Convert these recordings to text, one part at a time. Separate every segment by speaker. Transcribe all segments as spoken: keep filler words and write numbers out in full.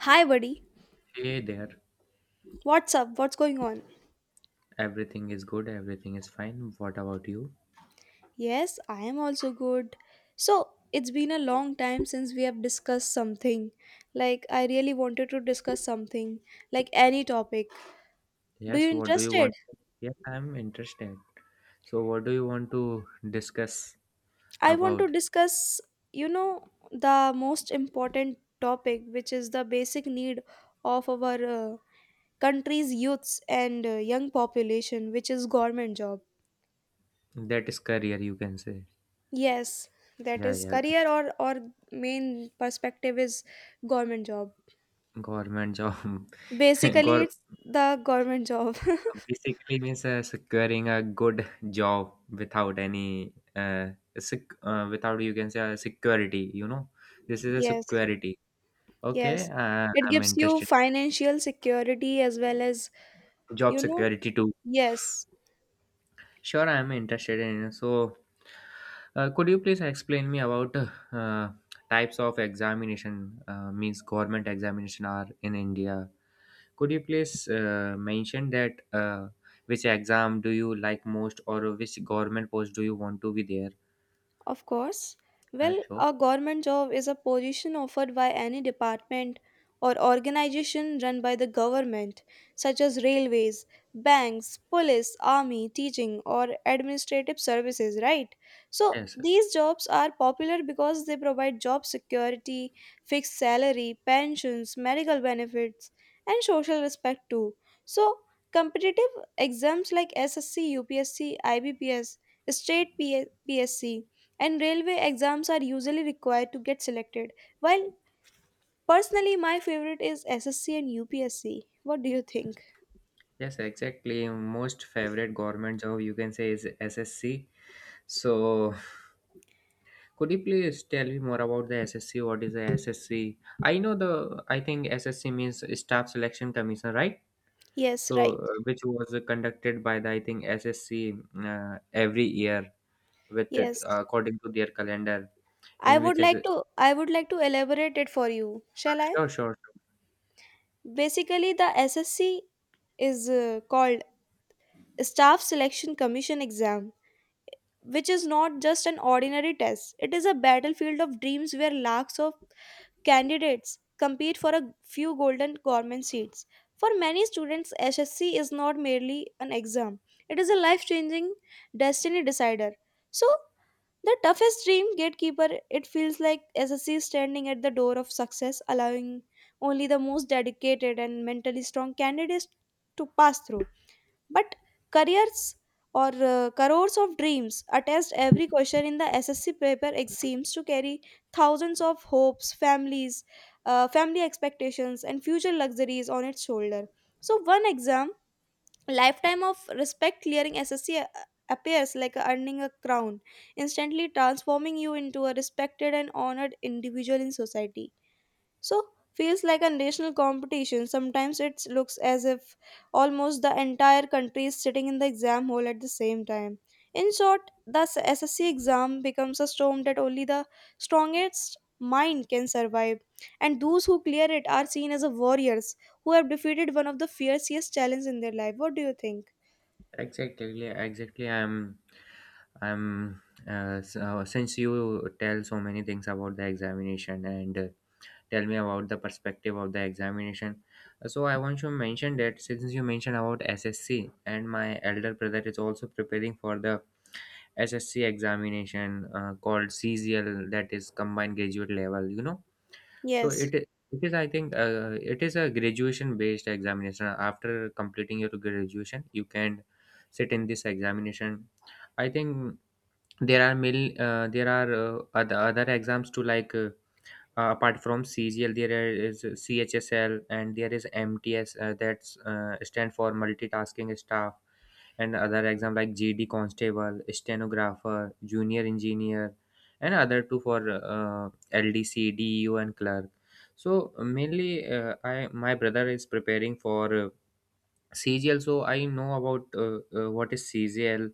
Speaker 1: Hi, buddy.
Speaker 2: Hey there.
Speaker 1: What's up? What's going on?
Speaker 2: Everything is good. Everything is fine. What about you?
Speaker 1: Yes, I am also good. So, it's been a long time since we have discussed something. Like, I really wanted to discuss something, like any topic. Do you
Speaker 2: Yes. What do you
Speaker 1: interested?
Speaker 2: want? Yes, I'm interested. So, what do you want to discuss
Speaker 1: I want to
Speaker 2: about?
Speaker 1: discuss, you know, the most important topic, which is the basic need of our uh, country's youths and uh, young population, which is government job.
Speaker 2: That is career, you can say.
Speaker 1: Yes, that
Speaker 2: Yeah,
Speaker 1: is
Speaker 2: yeah.
Speaker 1: career or or main perspective is government job.
Speaker 2: Government job.
Speaker 1: Basically,
Speaker 2: Gor
Speaker 1: it's the government job.
Speaker 2: basically means uh, securing a good job without any uh, sec uh, without you can say uh, security. You know, this is a
Speaker 1: Yes,
Speaker 2: security. Okay.
Speaker 1: yes.
Speaker 2: Uh,
Speaker 1: It
Speaker 2: I'm
Speaker 1: gives you
Speaker 2: interested.
Speaker 1: financial security as well as,
Speaker 2: Job
Speaker 1: you know,
Speaker 2: security too.
Speaker 1: yes.
Speaker 2: Sure, I'm interested in. So, uh, could you please explain me about uh, types of examination? Uh, means government examination are in India. Could you please uh, mention that uh, which exam do you like most, or which government post do you want to be there?
Speaker 1: Of course.
Speaker 2: Uh,
Speaker 1: Well,
Speaker 2: sure.
Speaker 1: a government job is a position offered by any department or organization run by the government, such as railways, banks, police, army, teaching, or administrative services, right? So,
Speaker 2: Yes, sir.
Speaker 1: these jobs are popular because they provide job security, fixed salary, pensions, medical benefits, and social respect too. So, competitive exams like SSC, UPSC, IBPS, state PSC and railway exams are usually required to get selected. While personally, my favorite is S S C and U P S C. What do you think?
Speaker 2: Yes, exactly. Most favorite government job you can say is S S C. So, could you please tell me more about the S S C? What is the S S C? I know the, I think S S C means Staff Selection Commission, right?
Speaker 1: Yes,
Speaker 2: So,
Speaker 1: right.
Speaker 2: uh, which was uh, conducted by the, I think, S S C uh, every year with uh,
Speaker 1: Yes.
Speaker 2: according to their calendar,
Speaker 1: I
Speaker 2: in which
Speaker 1: would
Speaker 2: S S-
Speaker 1: like to I would like to elaborate it for you. Shall I?
Speaker 2: sure, sure, sure.
Speaker 1: Basically, the S S C is uh, called Staff Selection Commission exam which is not just an ordinary test. It is a battlefield of dreams where lakhs of candidates compete for a few golden government seats. For many students, S S C is not merely an exam, it is a life changing destiny decider. So, the toughest dream gatekeeper, it feels like S S C is standing at the door of success, allowing only the most dedicated and mentally strong candidates to pass through. But careers or uh, crores of dreams, attest every question in the S S C paper ex- seems to carry thousands of hopes, families, uh, family expectations, and future luxuries on its shoulder. So one exam, lifetime of respect clearing S S C appears like earning a crown, instantly transforming you into a respected and honored individual in society. So, feels like a national competition. Sometimes it looks as if almost the entire country is sitting in the exam hall at the same time. In short, the SSC exam becomes a storm that only the strongest mind can survive, and those who clear it are seen as a warriors who have defeated one of the fiercest challenges in their life. What do you think?
Speaker 2: Exactly, exactly. I'm, I'm. Uh, so, since you tell so many things about the examination and uh, tell me about the perspective of the examination. So I want to mention that since you mentioned about S S C and my elder brother is also preparing for the S S C examination uh, called C G L, that is combined graduate level, you know so
Speaker 1: Yes.
Speaker 2: it i- it is, I think, uh, it is a graduation based examination. After completing your graduation you can sit in this examination, I think. There are mil, uh, there are uh, other, other exams too, like, Uh, uh, apart from C G L, there is C H S L and there is M T S uh, that's uh, stand for multitasking staff, and other exam like G D constable, stenographer, junior engineer, and other two for uh, L D C, D E U, and clerk. So mainly, uh, I my brother is preparing for uh, C G L, so I know about uh, uh, what is C G L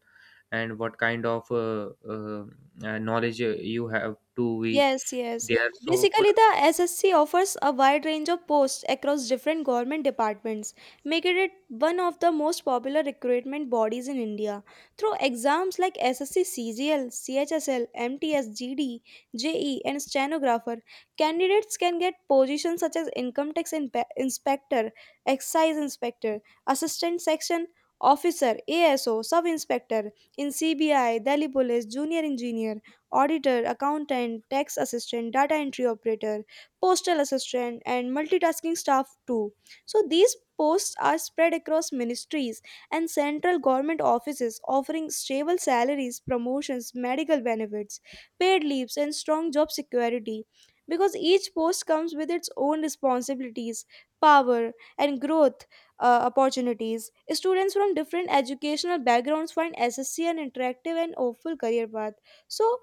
Speaker 2: and what kind of uh, uh, uh, knowledge uh, you have to be
Speaker 1: Yes, yes.
Speaker 2: there. So could
Speaker 1: Basically, the S S C offers a wide range of posts across different government departments, making it one of the most popular recruitment bodies in India. Through exams like SSC CGL, CHSL, MTS, GD, JE, and stenographer, candidates can get positions such as income tax inpe- inspector, excise inspector, assistant section officer, A S O, sub inspector in C B I, Delhi Police, junior engineer auditor, accountant, tax assistant, data entry operator, postal assistant, and multitasking staff too. So these posts are spread across ministries and central government offices offering stable salaries, promotions, medical benefits, paid leaves, and strong job security. Because each post comes with its own responsibilities, power, and growth uh, opportunities. Students from different educational backgrounds find S S C an interactive and hopeful career path. So,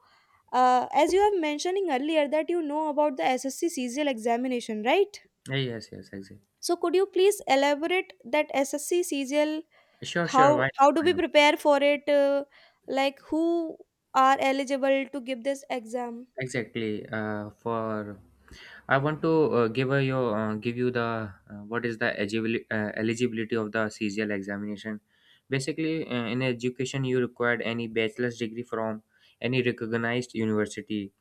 Speaker 1: uh, as you have mentioning earlier that you know about the S S C C G L examination, right?
Speaker 2: Yeah, yes, yes, exactly.
Speaker 1: So could you please elaborate that S S C C G L?
Speaker 2: Sure, sure.
Speaker 1: How
Speaker 2: Why not?
Speaker 1: how do
Speaker 2: Why
Speaker 1: we
Speaker 2: not?
Speaker 1: prepare for it? Uh, like who are eligible to give this exam?
Speaker 2: Exactly. Uh, for I want to uh, give a, you uh, give you the uh, what is the eligibility, uh, eligibility of the C G L examination. Basically, uh, in education, you required any bachelor's degree from any recognized university,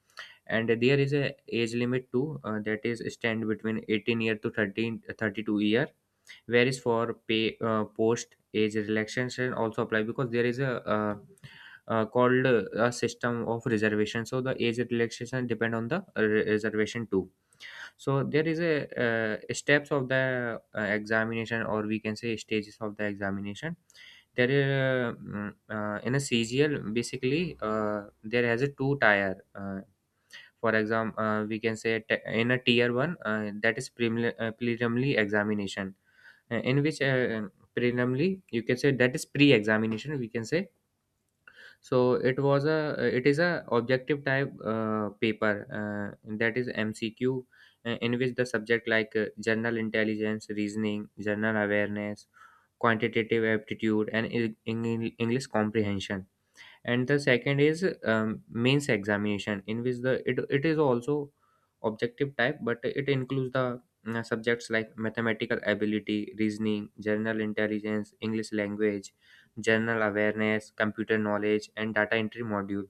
Speaker 2: and there is a age limit too. Uh, that is stand between eighteen year to thirteen thirty-two. Whereas for pay uh, post age relaxation also apply because there is a uh, uh, called uh, a system of reservation, so the age relaxation depend on the uh, re- reservation too. So there is a uh, steps of the uh, examination, or we can say stages of the examination. There is uh, mm, uh, in a C G L basically uh, there has a two tier uh, for example, uh, we can say t- in a tier one, uh, that is preliminary, uh, preliminary examination, uh, in which uh, preliminary you can say, that is pre-examination, we can say. So it was a it is a objective type uh, paper, uh, that is MCQ, uh, in which the subject like uh, general intelligence, reasoning, general awareness, quantitative aptitude, and in, in English comprehension. And the second is um, mains examination, in which the it, it is also objective type but it includes the uh, subjects like mathematical ability, reasoning, general intelligence, English language, general awareness, computer knowledge, and data entry module.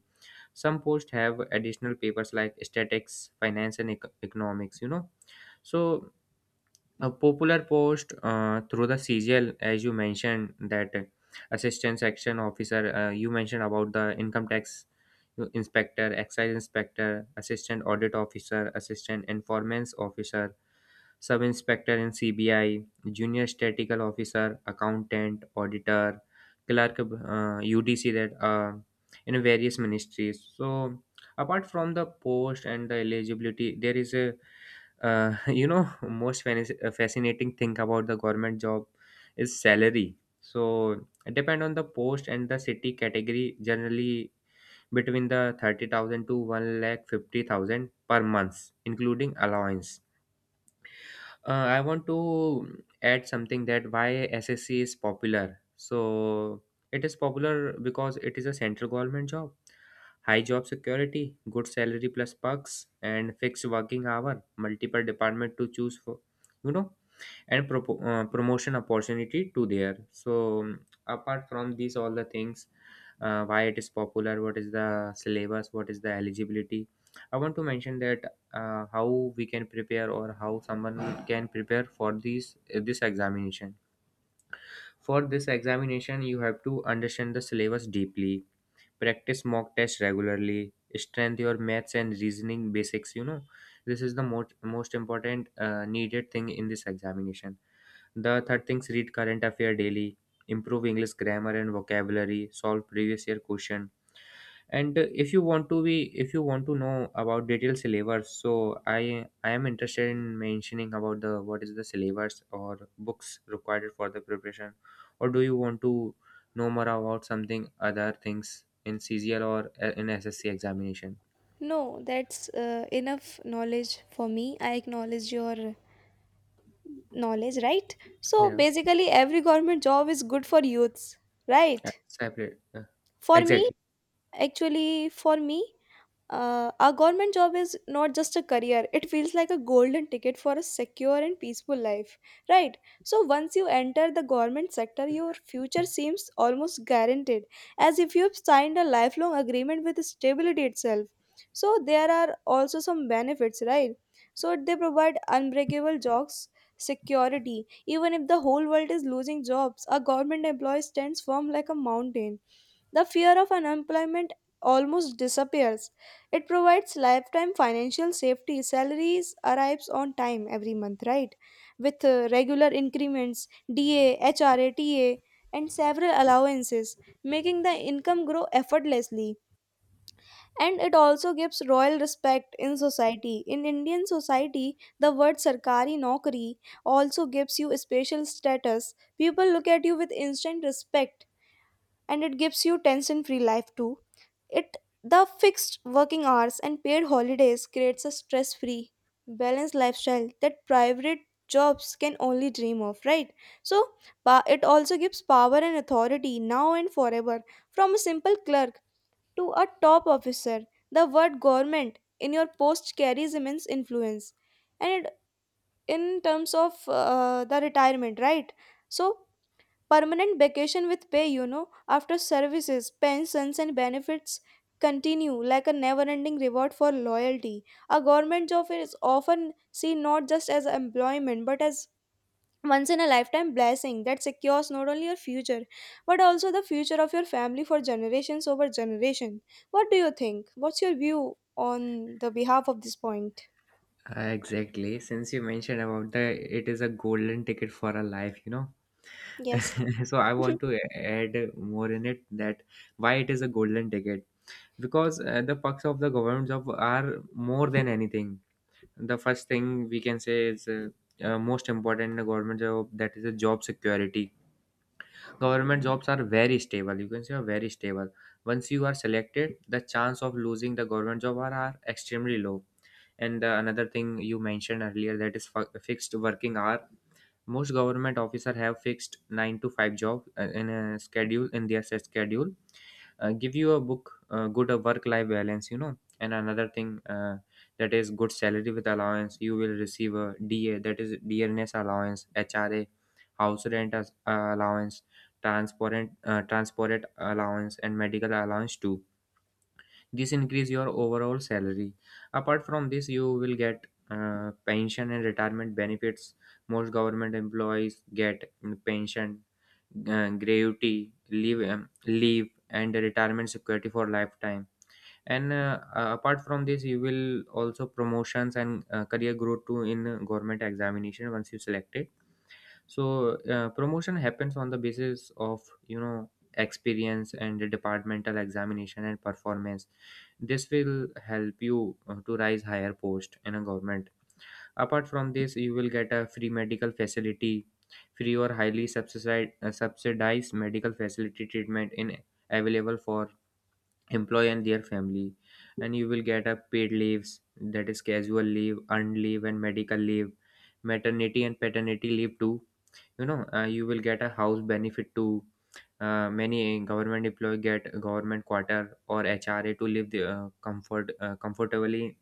Speaker 2: Some posts have additional papers like statistics, finance, and ec- economics, you know. So a popular post uh, through the C G L, as you mentioned, that uh, assistant section officer, uh, you mentioned about the income tax inspector, excise inspector, assistant audit officer, assistant informants officer, sub inspector in C B I, junior statistical officer, accountant, auditor, clerk, uh, U D C, that uh, in various ministries. So, apart from the post and the eligibility, there is a uh, you know, most fani- uh, fascinating thing about the government job is salary. So depend on the post and the city category. Generally, between the thirty thousand to one lakh fifty thousand per month, including allowance. Uh, I want to add something that why S S C is popular. So it is popular because it is a central government job, high job security, good salary plus perks, and fixed working hour, multiple department to choose for. You know, and propo- uh, promotion opportunity to there. So um, apart from these all the things, uh, why it is popular, what is the syllabus, what is the eligibility, I want to mention that uh, how we can prepare or how someone can prepare for these this examination. For this examination you have to understand the syllabus deeply, practice mock tests regularly, strengthen your maths and reasoning basics, you know. This is the most most important uh, needed thing in this examination. The third things, read current affair daily, improve English grammar and vocabulary, solve previous year question, and uh, if you want to be, if you want to know about detailed syllabus, so I I am interested in mentioning about the what is the syllabus or books required for the preparation, or do you want to know more about something other things in C G L or uh, in S S C examination?
Speaker 1: No, that's uh, enough knowledge for me. I acknowledge your knowledge, right? So
Speaker 2: Yeah,
Speaker 1: basically, every government job is good for youths,
Speaker 2: uh,
Speaker 1: right?
Speaker 2: separate. uh,
Speaker 1: For me,
Speaker 2: Exactly.
Speaker 1: Actually, for me, Uh, our government job is not just a career, it feels like a golden ticket for a secure and peaceful life, right? So, once you enter the government sector, your future seems almost guaranteed, as if you have signed a lifelong agreement with stability itself. So, there are also some benefits, right? So, they provide unbreakable jobs. Security. Even if the whole world is losing jobs, a government employee stands firm like a mountain. The fear of unemployment almost disappears. It provides lifetime financial safety. Salaries arrives on time every month, right? With uh, regular increments, D A, H R A, T A, and several allowances, making the income grow effortlessly. And it also gives royal respect in society. In Indian society, the word sarkari nokri also gives you special status. People look at you with instant respect, and it gives you tension-free life too. It the fixed working hours and paid holidays creates a stress-free, balanced lifestyle that private jobs can only dream of, right? So, pa- it also gives power and authority now and forever, from a simple clerk to a top officer. The word government in your post carries immense influence. And it, in terms of uh, the retirement, right? So, permanent vacation with pay, you know, after services, pensions, and benefits continue like a never ending reward for loyalty. A government job is often seen not just as employment but as once in a lifetime blessing that secures not only your future but also the future of your family for generations over generation. What do you think? What's your view on the behalf of this point?
Speaker 2: Exactly. Since you mentioned about the, it is a golden ticket for a life, you know.
Speaker 1: Yes.
Speaker 2: So I want to add more in it, that why it is a golden ticket. Because uh, the perks of the government job are more than anything. The first thing we can say is uh, uh, most important in a government job, that is a job security. Government jobs are very stable, you can say are very stable. Once you are selected, the chance of losing the government job are, are extremely low. And uh, another thing you mentioned earlier, that is fi- fixed working hour. Most government officer have fixed nine to five job uh, in a schedule, in their set schedule, uh, give you a book uh, good work life balance, you know. And another thing, uh, that is good salary with allowance. You will receive a DA, that is DNS allowance, HRA, house rent as, uh, allowance, transport uh, transport allowance, and medical allowance too. This increase your overall salary. Apart from this, you will get uh, pension and retirement benefits. Most government employees get mm, pension, uh, gratuity leave, um, leave, and retirement security for lifetime. And uh, uh, apart from this, you will also promotions and uh, career growth too in uh, government examination once you selected. So uh, promotion happens on the basis of, you know, experience and the departmental examination and performance. This will help you uh, to rise higher post in a government. Apart from this, you will get a free medical facility, free or highly subsidized, uh, subsidized medical facility treatment in, available for employee and their family. And you will get a paid leaves, that is casual leave, earned leave, and medical leave, maternity and paternity leave too, you know. Uh, you will get a house benefit too. Uh, many government employee get government quarter or HRA to live the, uh, comfort uh, comfortably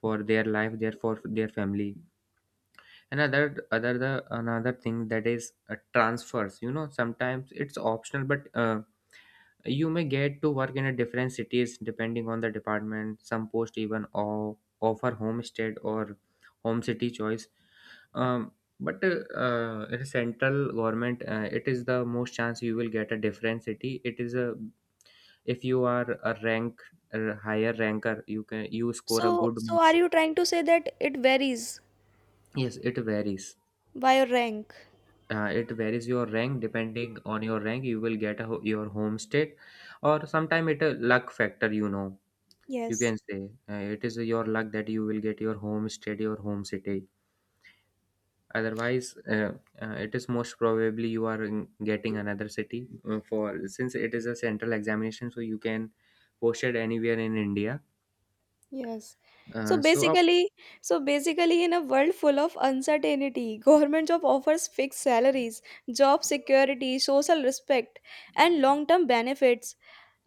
Speaker 2: for their life there, for their family. Another other the Another thing, that is uh, transfers, you know. Sometimes it's optional, but uh, you may get to work in a different cities depending on the department. Some post even o- offer homestead or home city choice. um, but uh, uh, in central government, uh, it is the most chance you will get a different city. It is a, if you are a rank, a higher ranker, you can you score
Speaker 1: so
Speaker 2: a good
Speaker 1: so are
Speaker 2: marks.
Speaker 1: you trying to say that it varies
Speaker 2: Yes, it varies.
Speaker 1: by your rank?
Speaker 2: Uh, it varies your rank, depending on your rank you will get a, ho- your home state, or sometime it a luck factor, you know. You
Speaker 1: Yes.
Speaker 2: can say uh, it is your luck that you will get your home state, your home city. Otherwise, uh, uh, it is most probably you are in- getting another city uh, for since it is a central examination, so you can post it anywhere in India.
Speaker 1: Yes. So
Speaker 2: Uh, so, uh,
Speaker 1: basically, so basically, in a world full of uncertainty, government job offers fixed salaries, job security, social respect, and long-term benefits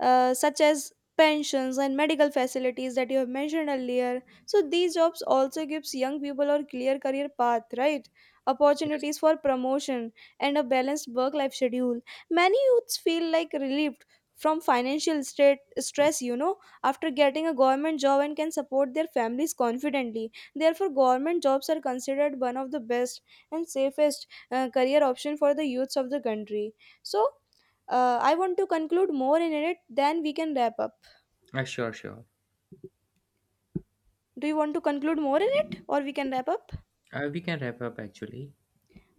Speaker 1: uh, such as pensions and medical facilities that you have mentioned earlier. So these jobs also gives young people a clear career path, right?
Speaker 2: yes.
Speaker 1: Opportunities for promotion and a balanced work life schedule. Many youths feel like relieved from financial state stress, you know, after getting a government job and can support their families confidently. Therefore government jobs are considered one of the best and safest uh, career option for the youths of the country. So, uh, I want to conclude more in it, then we can wrap up.
Speaker 2: Uh, sure, sure.
Speaker 1: Do you want to conclude more in it, or we can wrap up?
Speaker 2: Uh, we can wrap up actually.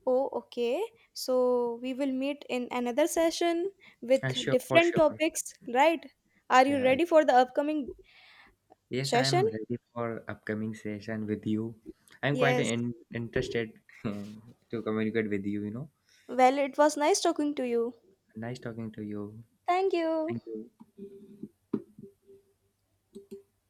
Speaker 1: Oh, okay. So we will meet in another session with
Speaker 2: uh, Sure for
Speaker 1: different
Speaker 2: sure.
Speaker 1: topics, right? Are you
Speaker 2: Yeah, I-
Speaker 1: ready for the upcoming
Speaker 2: yes, I am
Speaker 1: session?
Speaker 2: ready for upcoming session with you. I'm quite
Speaker 1: Yes.
Speaker 2: in- interested to communicate with you, you know.
Speaker 1: Well, it was nice talking to you.
Speaker 2: Nice talking to you.
Speaker 1: Thank you.
Speaker 2: Thank you.